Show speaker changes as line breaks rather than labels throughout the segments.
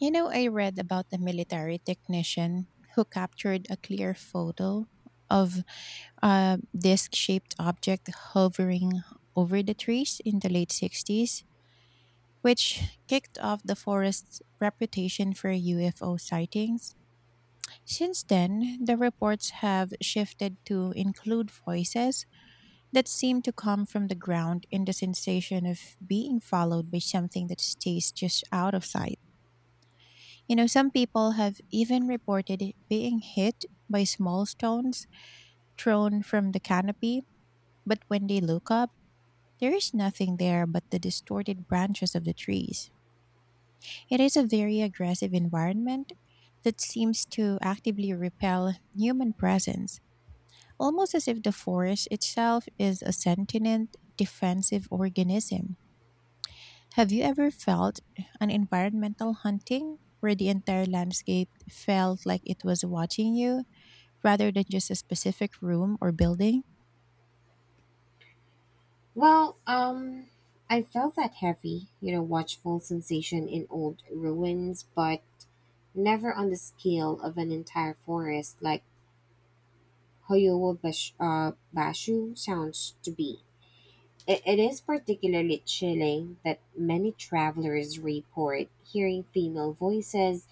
I read about a military technician who captured a clear photo of a disc shaped object hovering over the trees in the late 60s, which kicked off the forest's reputation for UFO sightings. Since then, the reports have shifted to include voices that seem to come from the ground and the sensation of being followed by something that stays just out of sight. Some people have even reported it being hit by small stones thrown from the canopy, but when they look up, there is nothing there but the distorted branches of the trees. It is a very aggressive environment that seems to actively repel human presence, almost as if the forest itself is a sentient, defensive organism. Have you ever felt an environmental hunting where the entire landscape felt like it was watching you, rather than just a specific room or building?
Well, I felt that heavy, watchful sensation in old ruins, but never on the scale of an entire forest like Hoyowo Bashu sounds to be. It is particularly chilling that many travelers report hearing female voices,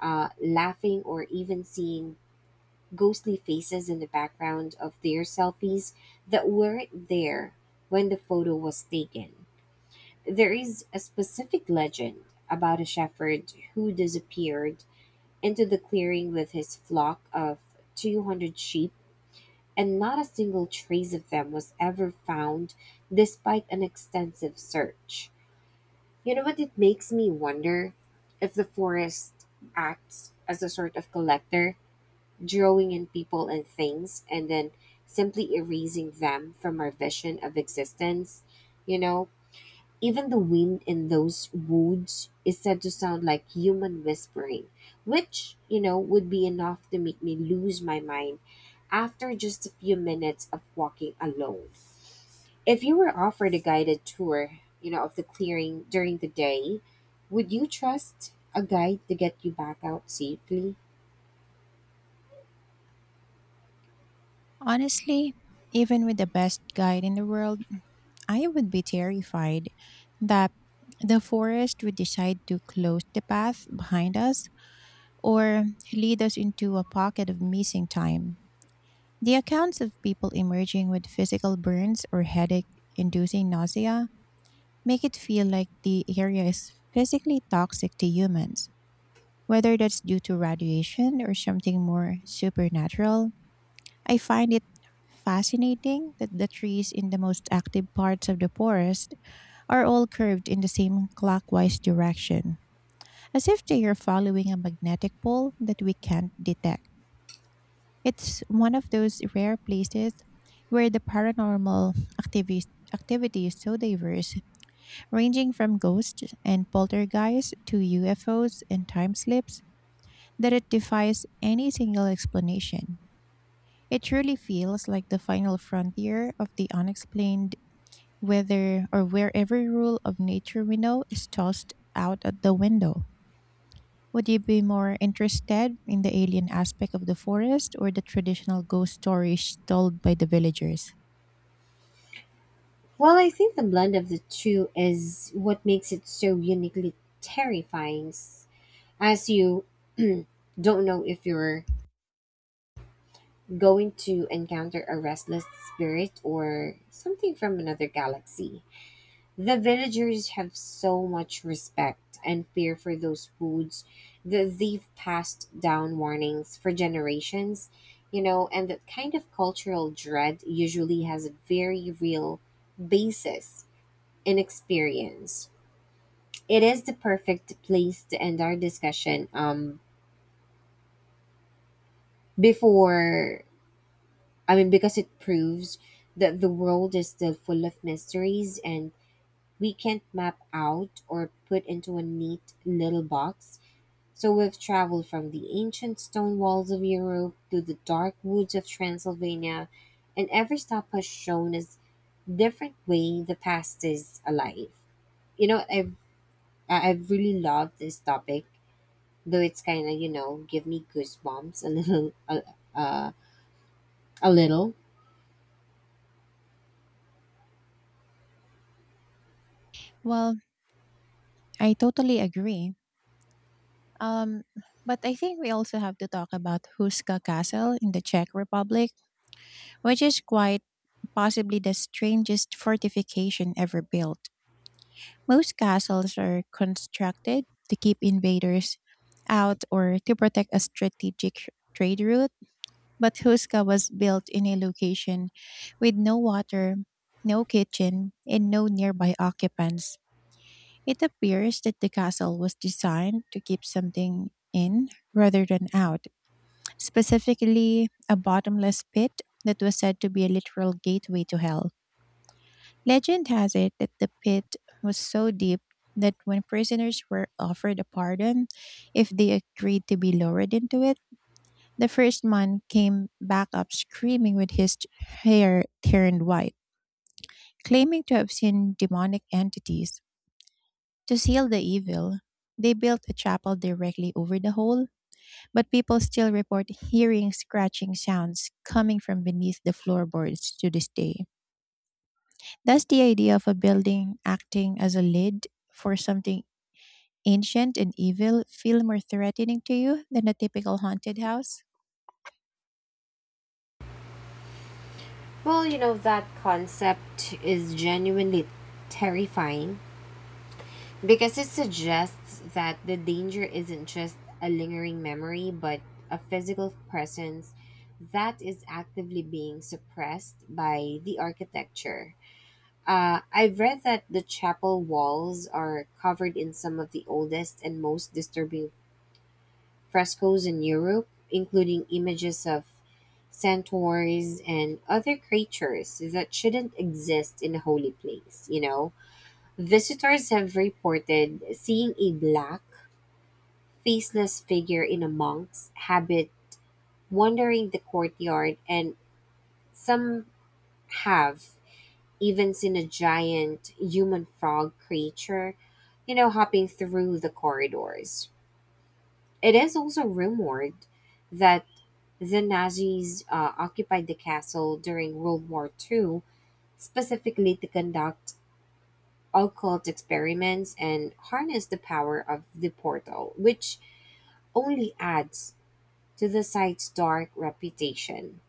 laughing, or even seeing ghostly faces in the background of their selfies that weren't there when the photo was taken. There is a specific legend about a shepherd who disappeared into the clearing with his flock of 200 sheep, and not a single trace of them was ever found despite an extensive search. You know what? It makes me wonder if the forest acts as a sort of collector, drawing in people and things, and then simply erasing them from our vision of existence. You know, even the wind in those woods is said to sound like human whispering, which, would be enough to make me lose my mind after just a few minutes of walking alone. If you were offered a guided tour, of the clearing during the day, would you trust a guide to get you back out safely?
Honestly, even with the best guide in the world, I would be terrified that the forest would decide to close the path behind us or lead us into a pocket of missing time. The accounts of people emerging with physical burns or headache inducing nausea make it feel like the area is physically toxic to humans, whether that's due to radiation or something more supernatural. I find it fascinating that the trees in the most active parts of the forest are all curved in the same clockwise direction, as if they are following a magnetic pole that we can't detect. It's one of those rare places where the paranormal activis- activity is so diverse, ranging from ghosts and poltergeists to UFOs and time slips, that it defies any single explanation. It truly feels like the final frontier of the unexplained, whether or where every rule of nature we know is tossed out at the window. Would you be more interested in the alien aspect of the forest or the traditional ghost stories told by the villagers?
Well, I think the blend of the two is what makes it so uniquely terrifying, as you don't know if you're going to encounter a restless spirit or something from another galaxy. The villagers have so much respect and fear for those foods that they've passed down warnings for generations, and that kind of cultural dread usually has a very real basis in experience. It is the perfect place to end our discussion before, I mean, because it proves that the world is still full of mysteries and we can't map out or put into a neat little box. So we've traveled from the ancient stone walls of Europe to the dark woods of Transylvania, and every stop has shown us different way the past is alive. I've I've really loved this topic, though it's kind of give me goosebumps a little, uh, a little.
Well, I totally agree. Um, but I think we also have to talk about Huska Castle in the Czech Republic, which is quite possibly the strangest fortification ever built. Most castles are constructed to keep invaders out or to protect a strategic trade route, but Huska was built in a location with no water, no kitchen, and no nearby occupants. It appears that the castle was designed to keep something in rather than out, specifically a bottomless pit that was said to be a literal gateway to hell. Legend has it that the pit was so deep that when prisoners were offered a pardon, if they agreed to be lowered into it, the first man came back up screaming with his hair turned white, claiming to have seen demonic entities. To seal the evil, they built a chapel directly over the hole, but people still report hearing scratching sounds coming from beneath the floorboards to this day. That's the idea of a building acting as a lid for something ancient and evil feel more threatening to you than a typical haunted house.
Well, that concept is genuinely terrifying because it suggests that the danger isn't just a lingering memory, but a physical presence that is actively being suppressed by the architecture. I've read that the chapel walls are covered in some of the oldest and most disturbing frescoes in Europe, including images of centaurs and other creatures that shouldn't exist in a holy place. Visitors have reported seeing a black, faceless figure in a monk's habit wandering the courtyard, and some have even seen a giant human frog creature, hopping through the corridors. It is also rumored that the Nazis occupied the castle during World War II, specifically to conduct occult experiments and harness the power of the portal, which only adds to the site's dark reputation.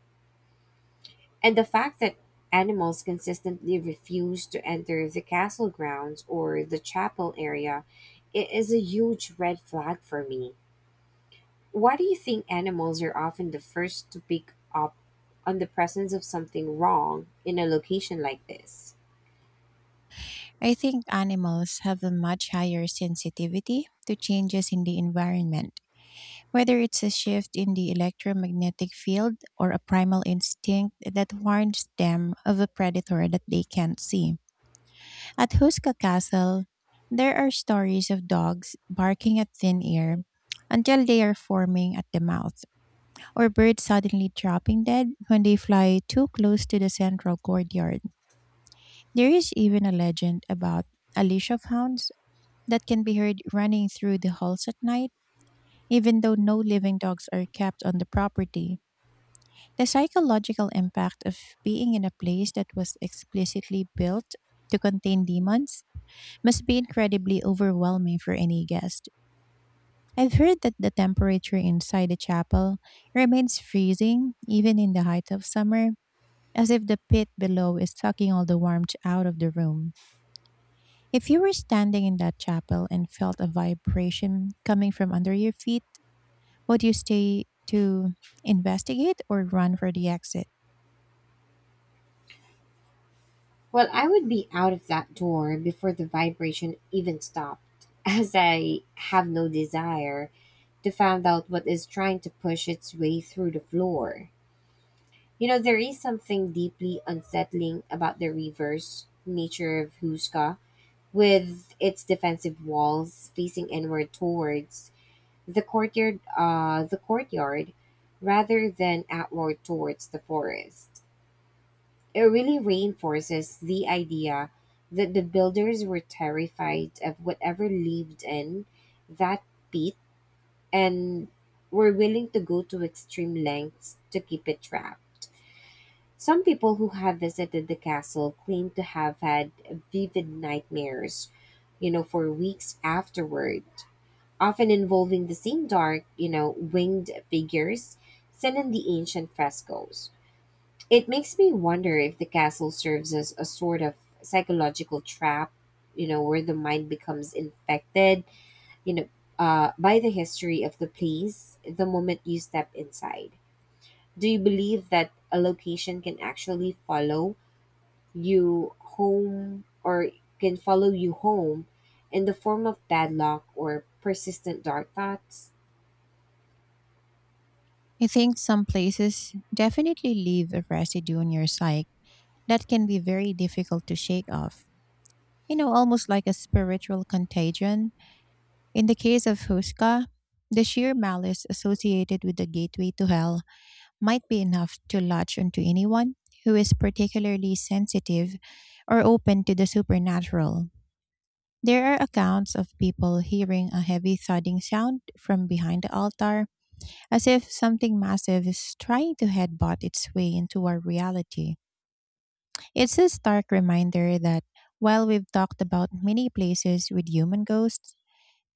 And the fact that animals consistently refuse to enter the castle grounds or the chapel area is a huge red flag for me. Why do you think animals are often the first to pick up on the presence of something wrong in a location like this?
I think animals have a much higher sensitivity to changes in the environment, whether it's a shift in the electromagnetic field or a primal instinct that warns them of a predator that they can't see. At Huska Castle, there are stories of dogs barking at thin air until they are forming at the mouth, or birds suddenly dropping dead when they fly too close to the central courtyard. There is even a legend about a leash of hounds that can be heard running through the halls at night, even though no living dogs are kept on the property. The psychological impact of being in a place that was explicitly built to contain demons must be incredibly overwhelming for any guest. I've heard that the temperature inside the chapel remains freezing even in the height of summer, as if the pit below is sucking all the warmth out of the room. If you were standing in that chapel and felt a vibration coming from under your feet, would you stay to investigate or run for the exit?
Well, I would be out of that door before the vibration even stopped, as I have no desire to find out what is trying to push its way through the floor. There is something deeply unsettling about the reverse nature of Huska, with its defensive walls facing inward towards the courtyard rather than outward towards the forest. It really reinforces the idea that the builders were terrified of whatever lived in that pit and were willing to go to extreme lengths to keep it trapped. Some people who have visited the castle claim to have had vivid nightmares, for weeks afterward, often involving the same dark, winged figures seen in the ancient frescoes. It makes me wonder if the castle serves as a sort of psychological trap, where the mind becomes infected, you know, by the history of the place the moment you step inside. Do you believe that a location can actually follow you home, or can follow you home in the form of bad luck or persistent dark thoughts?
I think some places definitely leave a residue on your psyche that can be very difficult to shake off. You know, almost like a spiritual contagion. In the case of Huska, the sheer malice associated with the gateway to hell might be enough to latch onto anyone who is particularly sensitive or open to the supernatural. There are accounts of people hearing a heavy thudding sound from behind the altar, as if something massive is trying to headbutt its way into our reality. It's a stark reminder that, while we've talked about many places with human ghosts,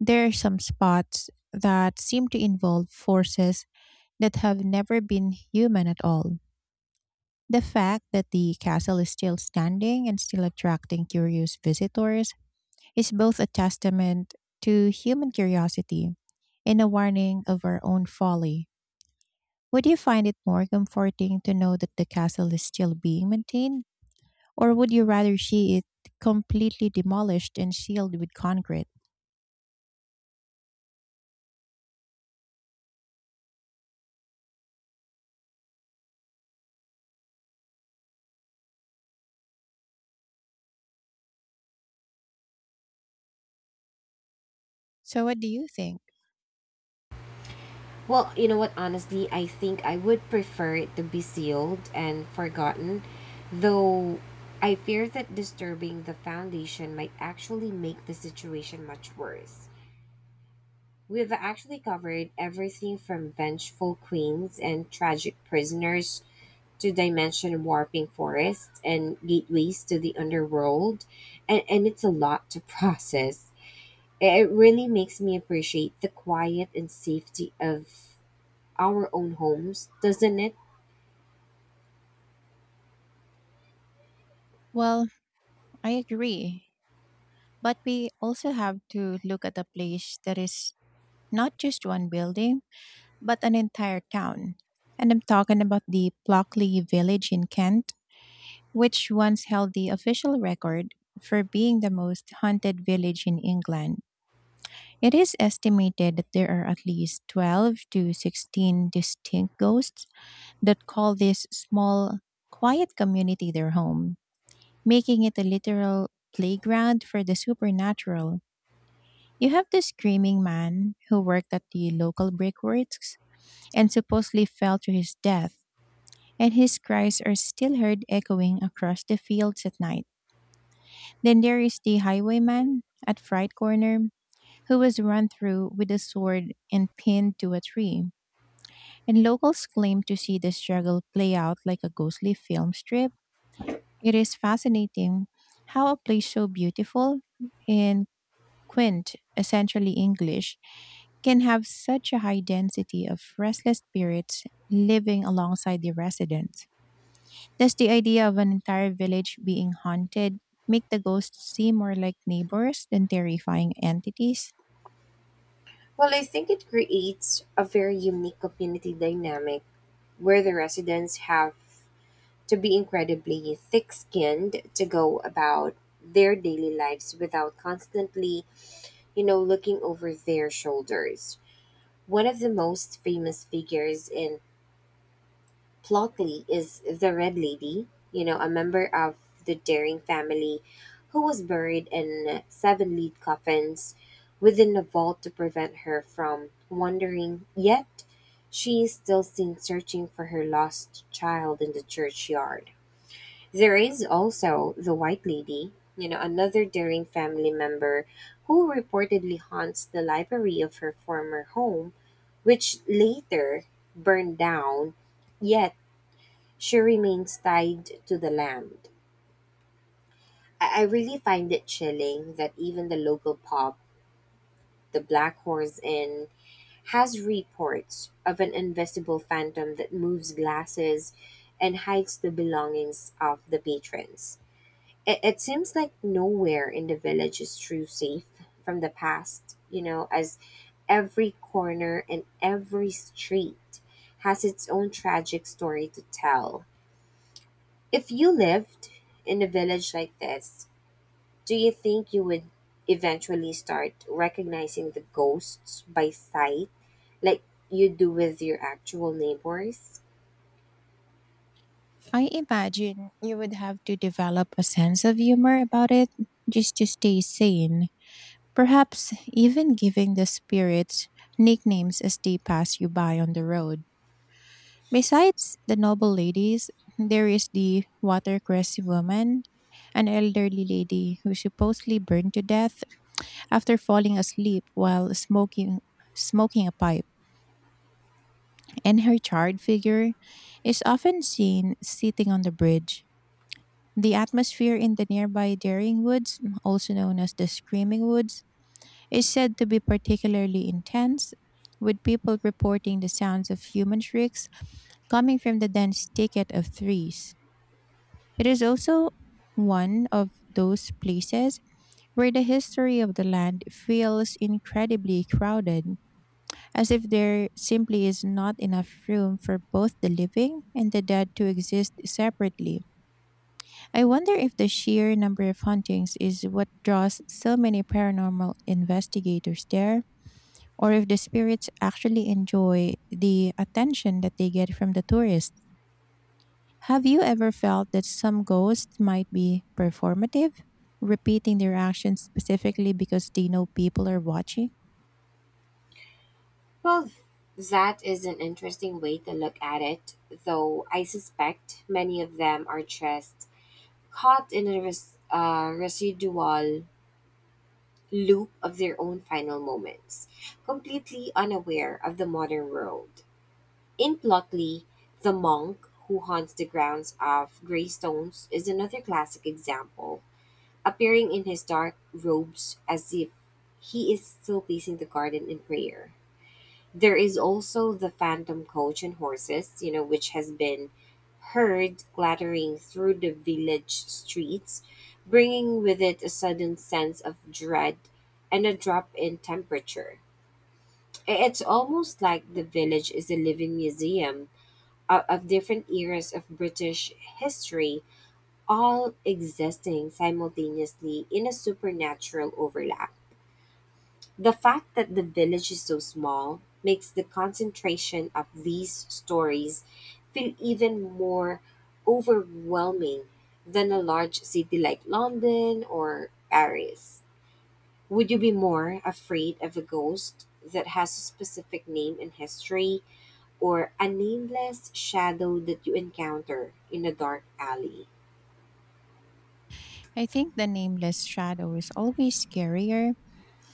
there are some spots that seem to involve forces that have never been human at all. The fact that the castle is still standing and still attracting curious visitors is both a testament to human curiosity and a warning of our own folly. Would you find it more comforting to know that the castle is still being maintained, or would you rather see it completely demolished and sealed with concrete? So, what do you think?
Well, you know what? Honestly, I think I would prefer it to be sealed and forgotten, though I fear that disturbing the foundation might actually make the situation much worse. We've actually covered everything from vengeful queens and tragic prisoners to dimension warping forests and gateways to the underworld, and it's a lot to process. It really makes me appreciate the quiet and safety of our own homes, doesn't it?
Well, I agree. But we also have to look at a place that is not just one building, but an entire town. And I'm talking about the Blockley village in Kent, which once held the official record for being the most haunted village in England. It is estimated that there are at least 12 to 16 distinct ghosts that call this small, quiet community their home, making it a literal playground for the supernatural. You have the screaming man who worked at the local brickworks and supposedly fell to his death, and his cries are still heard echoing across the fields at night. Then there is the highwayman at Fright Corner, who was run through with a sword and pinned to a tree, and locals claim to see the struggle play out like a ghostly film strip. It is fascinating how a place so beautiful and quaint, essentially English, can have such a high density of restless spirits living alongside the residents. Does the idea of an entire village being haunted make the ghosts seem more like neighbors than terrifying entities?
Well, I think it creates a very unique community dynamic where the residents have to be incredibly thick skinned to go about their daily lives without constantly, looking over their shoulders. One of the most famous figures in Plotley is the Red Lady, a member of the Daring family who was buried in seven lead coffins within a vault to prevent her from wandering. Yet, she is still seen searching for her lost child in the churchyard. There is also the White Lady, another Daring family member who reportedly haunts the library of her former home, which later burned down. Yet, she remains tied to the land. I really find it chilling that even the local pub, the Black Horse Inn, has reports of an invisible phantom that moves glasses and hides the belongings of the patrons. It seems like nowhere in the village is true safe from the past, as every corner and every street has its own tragic story to tell. If you lived in a village like this, do you think you would eventually start recognizing the ghosts by sight, like you do with your actual neighbors?
I imagine you would have to develop a sense of humor about it just to stay sane, perhaps even giving the spirits nicknames as they pass you by on the road. Besides the noble ladies, there is the watercress woman, an elderly lady who supposedly burned to death after falling asleep while smoking a pipe, and her charred figure is often seen sitting on the bridge. The atmosphere in the nearby Daring Woods, also known as the Screaming Woods, is said to be particularly intense, with people reporting the sounds of human shrieks coming from the dense thicket of trees. It is also one of those places where the history of the land feels incredibly crowded, as if there simply is not enough room for both the living and the dead to exist separately. I wonder if the sheer number of hauntings is what draws so many paranormal investigators there, or if the spirits actually enjoy the attention that they get from the tourists. Have you ever felt that some ghosts might be performative, repeating their actions specifically because they know people are watching?
Well, that is an interesting way to look at it, though I suspect many of them are just caught in a residual loop of their own final moments, completely unaware of the modern world. In Plotley, the monk who haunts the grounds of Greystones is another classic example, appearing in his dark robes as if he is still pacing the garden in prayer. There is also the phantom coach and horses, which has been heard clattering through the village streets, bringing with it a sudden sense of dread and a drop in temperature. It's almost like the village is a living museum of different eras of British history, all existing simultaneously in a supernatural overlap. The fact that the village is so small makes the concentration of these stories feel even more overwhelming than a large city like London or Paris. Would you be more afraid of a ghost that has a specific name in history, or a nameless shadow that you encounter in a dark alley?
I think the nameless shadow is always scarier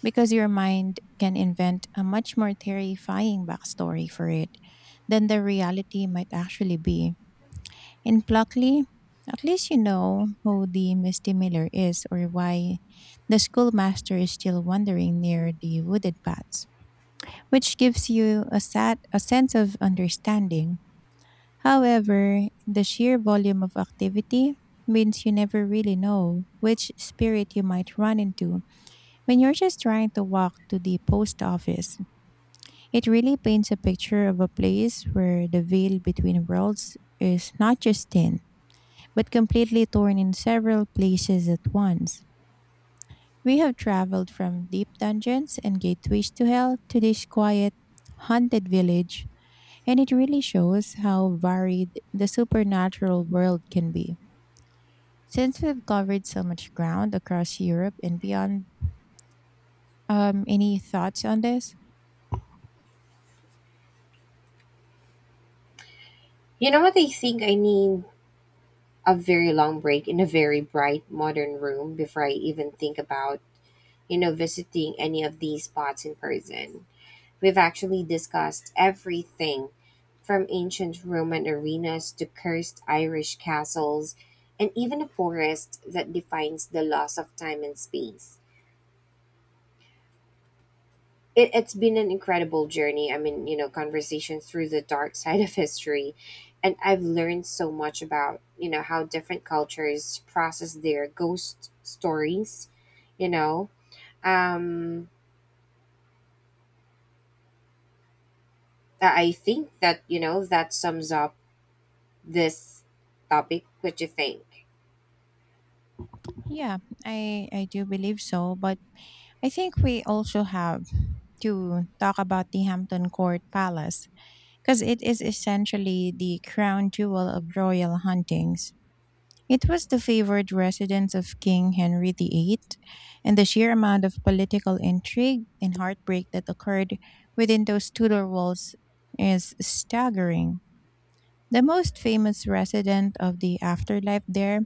because your mind can invent a much more terrifying backstory for it than the reality might actually be. In Pluckley, at least you know who the Misty Miller is, or why the schoolmaster is still wandering near the wooded paths, which gives you a sense of understanding. However, the sheer volume of activity means you never really know which spirit you might run into when you're just trying to walk to the post office. It really paints a picture of a place where the veil between worlds is not just thin, but completely torn in several places at once. We have traveled from deep dungeons and gateways to hell to this quiet, haunted village, and it really shows how varied the supernatural world can be. Since we've covered so much ground across Europe and beyond, any thoughts on this?
You know what? I think I need a very long break in a very bright modern room before I even think about, visiting any of these spots in person. We've actually discussed everything from ancient Roman arenas to cursed Irish castles and even a forest that defines the loss of time and space. It's been an incredible journey. I mean, conversation through the dark side of history. And I've learned so much about, how different cultures process their ghost stories, you know. Um, I think that sums up this topic. What do you think?
Yeah, I do believe so, but I think we also have to talk about the Hampton Court Palace because it is essentially the crown jewel of royal huntings. It was the favored residence of King Henry VIII, and the sheer amount of political intrigue and heartbreak that occurred within those Tudor walls is staggering. The most famous resident of the afterlife there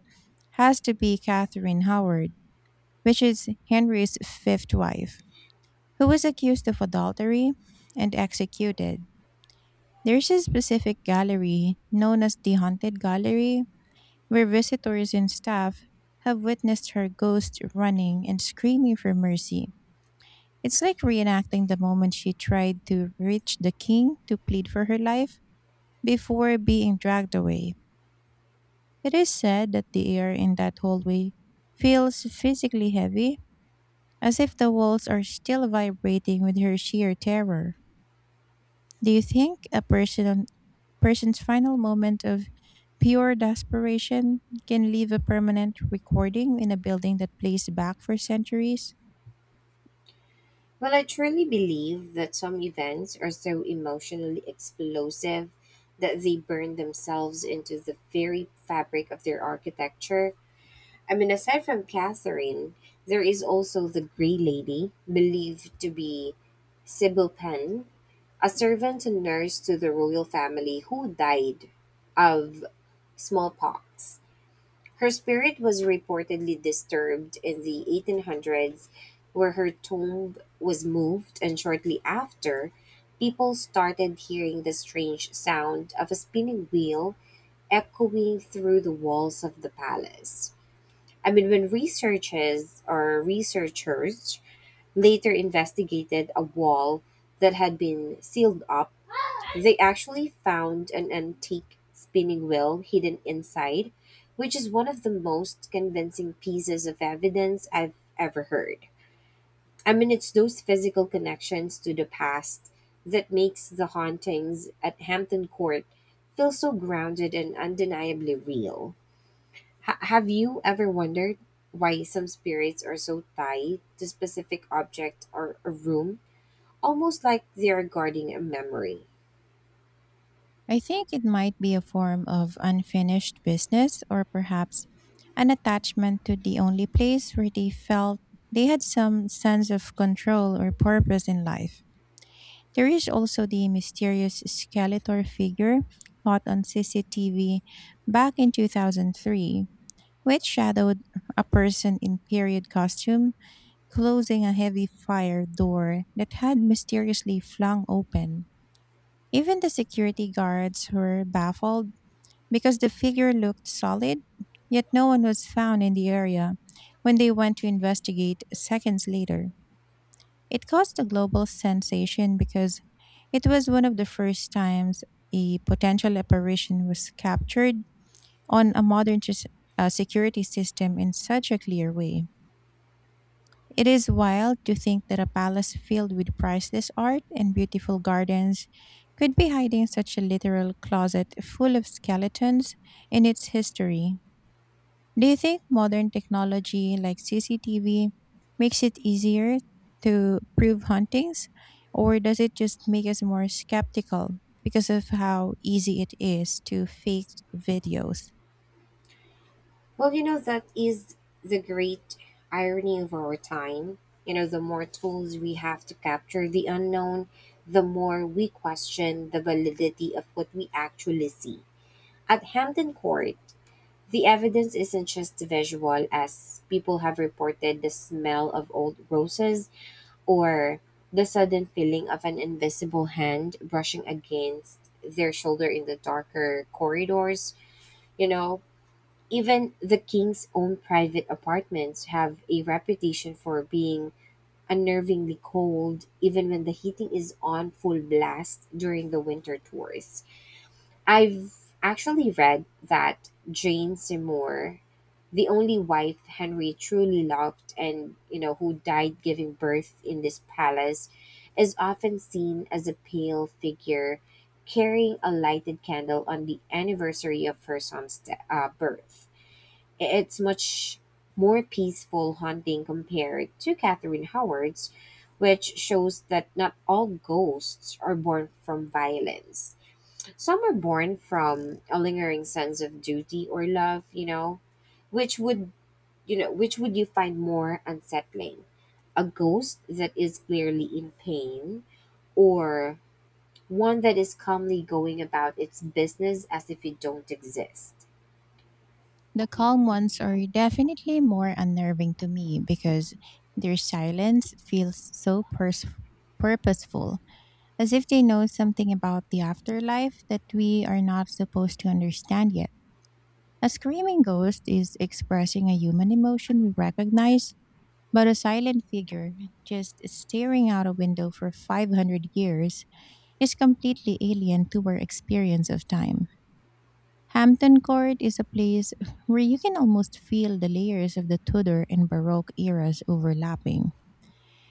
has to be Catherine Howard, which is Henry's fifth wife, who was accused of adultery and executed. There's a specific gallery known as the Haunted Gallery where visitors and staff have witnessed her ghost running and screaming for mercy. It's like reenacting the moment she tried to reach the king to plead for her life before being dragged away. It is said that the air in that hallway feels physically heavy, as if the walls are still vibrating with her sheer terror. Do you think a person's final moment of pure desperation can leave a permanent recording in a building that plays back for centuries?
Well, I truly believe that some events are so emotionally explosive that they burn themselves into the very fabric of their architecture. I mean, aside from Catherine, there is also the Grey Lady, believed to be Sybil Penn, a servant and nurse to the royal family who died of smallpox. Her spirit was reportedly disturbed in the 1800s, where her tomb was moved, and shortly after, people started hearing the strange sound of a spinning wheel echoing through the walls of the palace. I mean, when researchers later investigated a wall that had been sealed up, they actually found an antique spinning wheel hidden inside, which is one of the most convincing pieces of evidence I've ever heard. I mean, it's those physical connections to the past that makes the hauntings at Hampton Court feel so grounded and undeniably real. Have you ever wondered why some spirits are so tied to specific object or a room, almost like they're guarding a memory?
I think it might be a form of unfinished business, or perhaps an attachment to the only place where they felt they had some sense of control or purpose in life. There is also the mysterious Skeletor figure caught on CCTV back in 2003, which shadowed a person in period costume closing a heavy fire door that had mysteriously flung open. Even the security guards were baffled because the figure looked solid, yet no one was found in the area when they went to investigate seconds later. It caused a global sensation because it was one of the first times a potential apparition was captured on a modern security system in such a clear way. It is wild to think that a palace filled with priceless art and beautiful gardens could be hiding such a literal closet full of skeletons in its history. Do you think modern technology like CCTV makes it easier to prove huntings, or does it just make us more skeptical because of how easy it is to fake videos?
Well, that is the great irony of our time. The more tools we have to capture the unknown, the more we question the validity of what we actually see. At Hampton Court, the evidence isn't just visual, as people have reported the smell of old roses or the sudden feeling of an invisible hand brushing against their shoulder in the darker corridors. You know, even the king's own private apartments have a reputation for being unnervingly cold, even when the heating is on full blast during the winter tours. I've actually read that Jane Seymour, the only wife Henry truly loved and who died giving birth in this palace, is often seen as a pale figure carrying a lighted candle on the anniversary of her son's birth. It's much more peaceful haunting compared to Catherine Howard's, which shows that not all ghosts are born from violence. Some are born from a lingering sense of duty or love, which would which would you find more unsettling? A ghost that is clearly in pain, or one that is calmly going about its business as if it don't exist?
The calm ones are definitely more unnerving to me because their silence feels so purposeful, as if they know something about the afterlife that we are not supposed to understand yet. A screaming ghost is expressing a human emotion we recognize, but a silent figure just staring out a window for 500 years is completely alien to our experience of time. Hampton Court is a place where you can almost feel the layers of the Tudor and Baroque eras overlapping,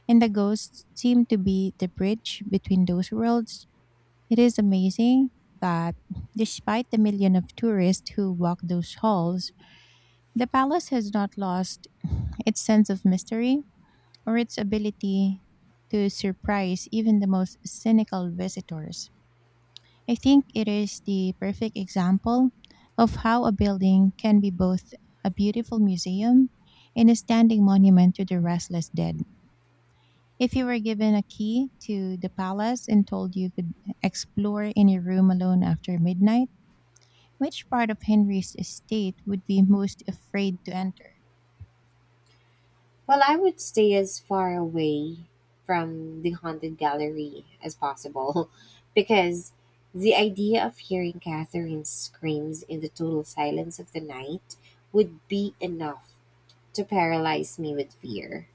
and the ghosts seem to be the bridge between those worlds. It is amazing that, despite the million of tourists who walk those halls, the palace has not lost its sense of mystery or its ability to surprise even the most cynical visitors. I think it is the perfect example of how a building can be both a beautiful museum and a standing monument to the restless dead. If you were given a key to the palace and told you could explore any room alone after midnight, which part of Henry's estate would be most afraid to enter?
Well, I would stay as far away from the haunted gallery as possible because the idea of hearing Catherine's screams in the total silence of the night would be enough to paralyze me with fear.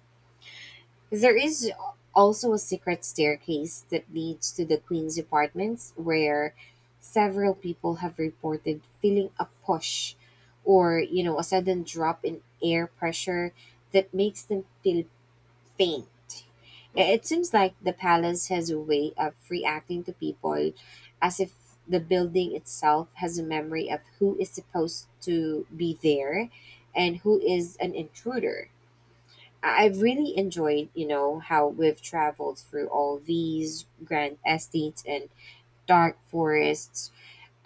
There is also a secret staircase that leads to the Queen's apartments, where several people have reported feeling a push or a sudden drop in air pressure that makes them feel faint. It seems like the palace has a way of reacting to people as if the building itself has a memory of who is supposed to be there and who is an intruder. I've really enjoyed, how we've traveled through all these grand estates and dark forests,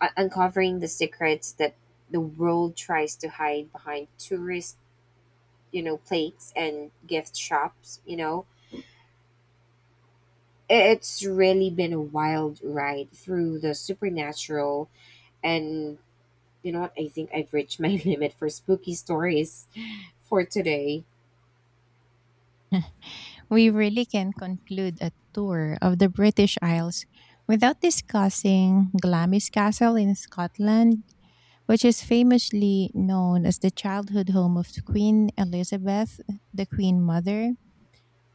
uncovering the secrets that the world tries to hide behind tourist, plates and gift shops. It's really been a wild ride through the supernatural, and you know what? I think I've reached my limit for spooky stories for today.
We really can conclude a tour of the British Isles without discussing Glamis Castle in Scotland, which is famously known as the childhood home of Queen Elizabeth, the Queen Mother.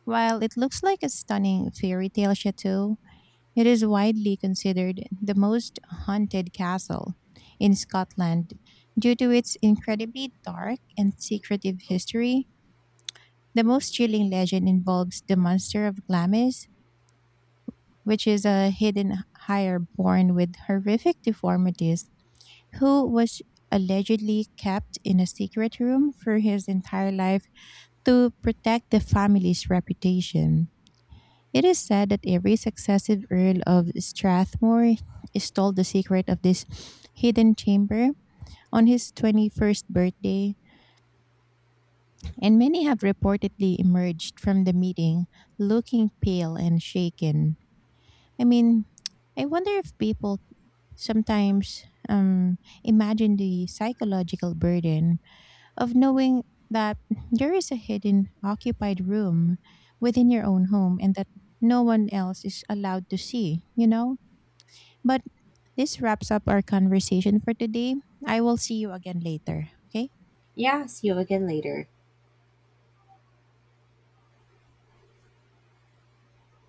While it looks like a stunning fairy tale chateau, it is widely considered the most haunted castle in Scotland due to its incredibly dark and secretive history. The most chilling legend involves the monster of Glamis, which is a hidden hire born with horrific deformities, who was allegedly kept in a secret room for his entire life to protect the family's reputation. It is said that every successive Earl of Strathmore stole the secret of this hidden chamber on his 21st birthday, and many have reportedly emerged from the meeting looking pale and shaken. I mean, I wonder if people sometimes imagine the psychological burden of knowing that there is a hidden occupied room within your own home and that no one else is allowed to see, you know? But this wraps up our conversation for today. I will see you again later. Okay?
Yeah, see you again later.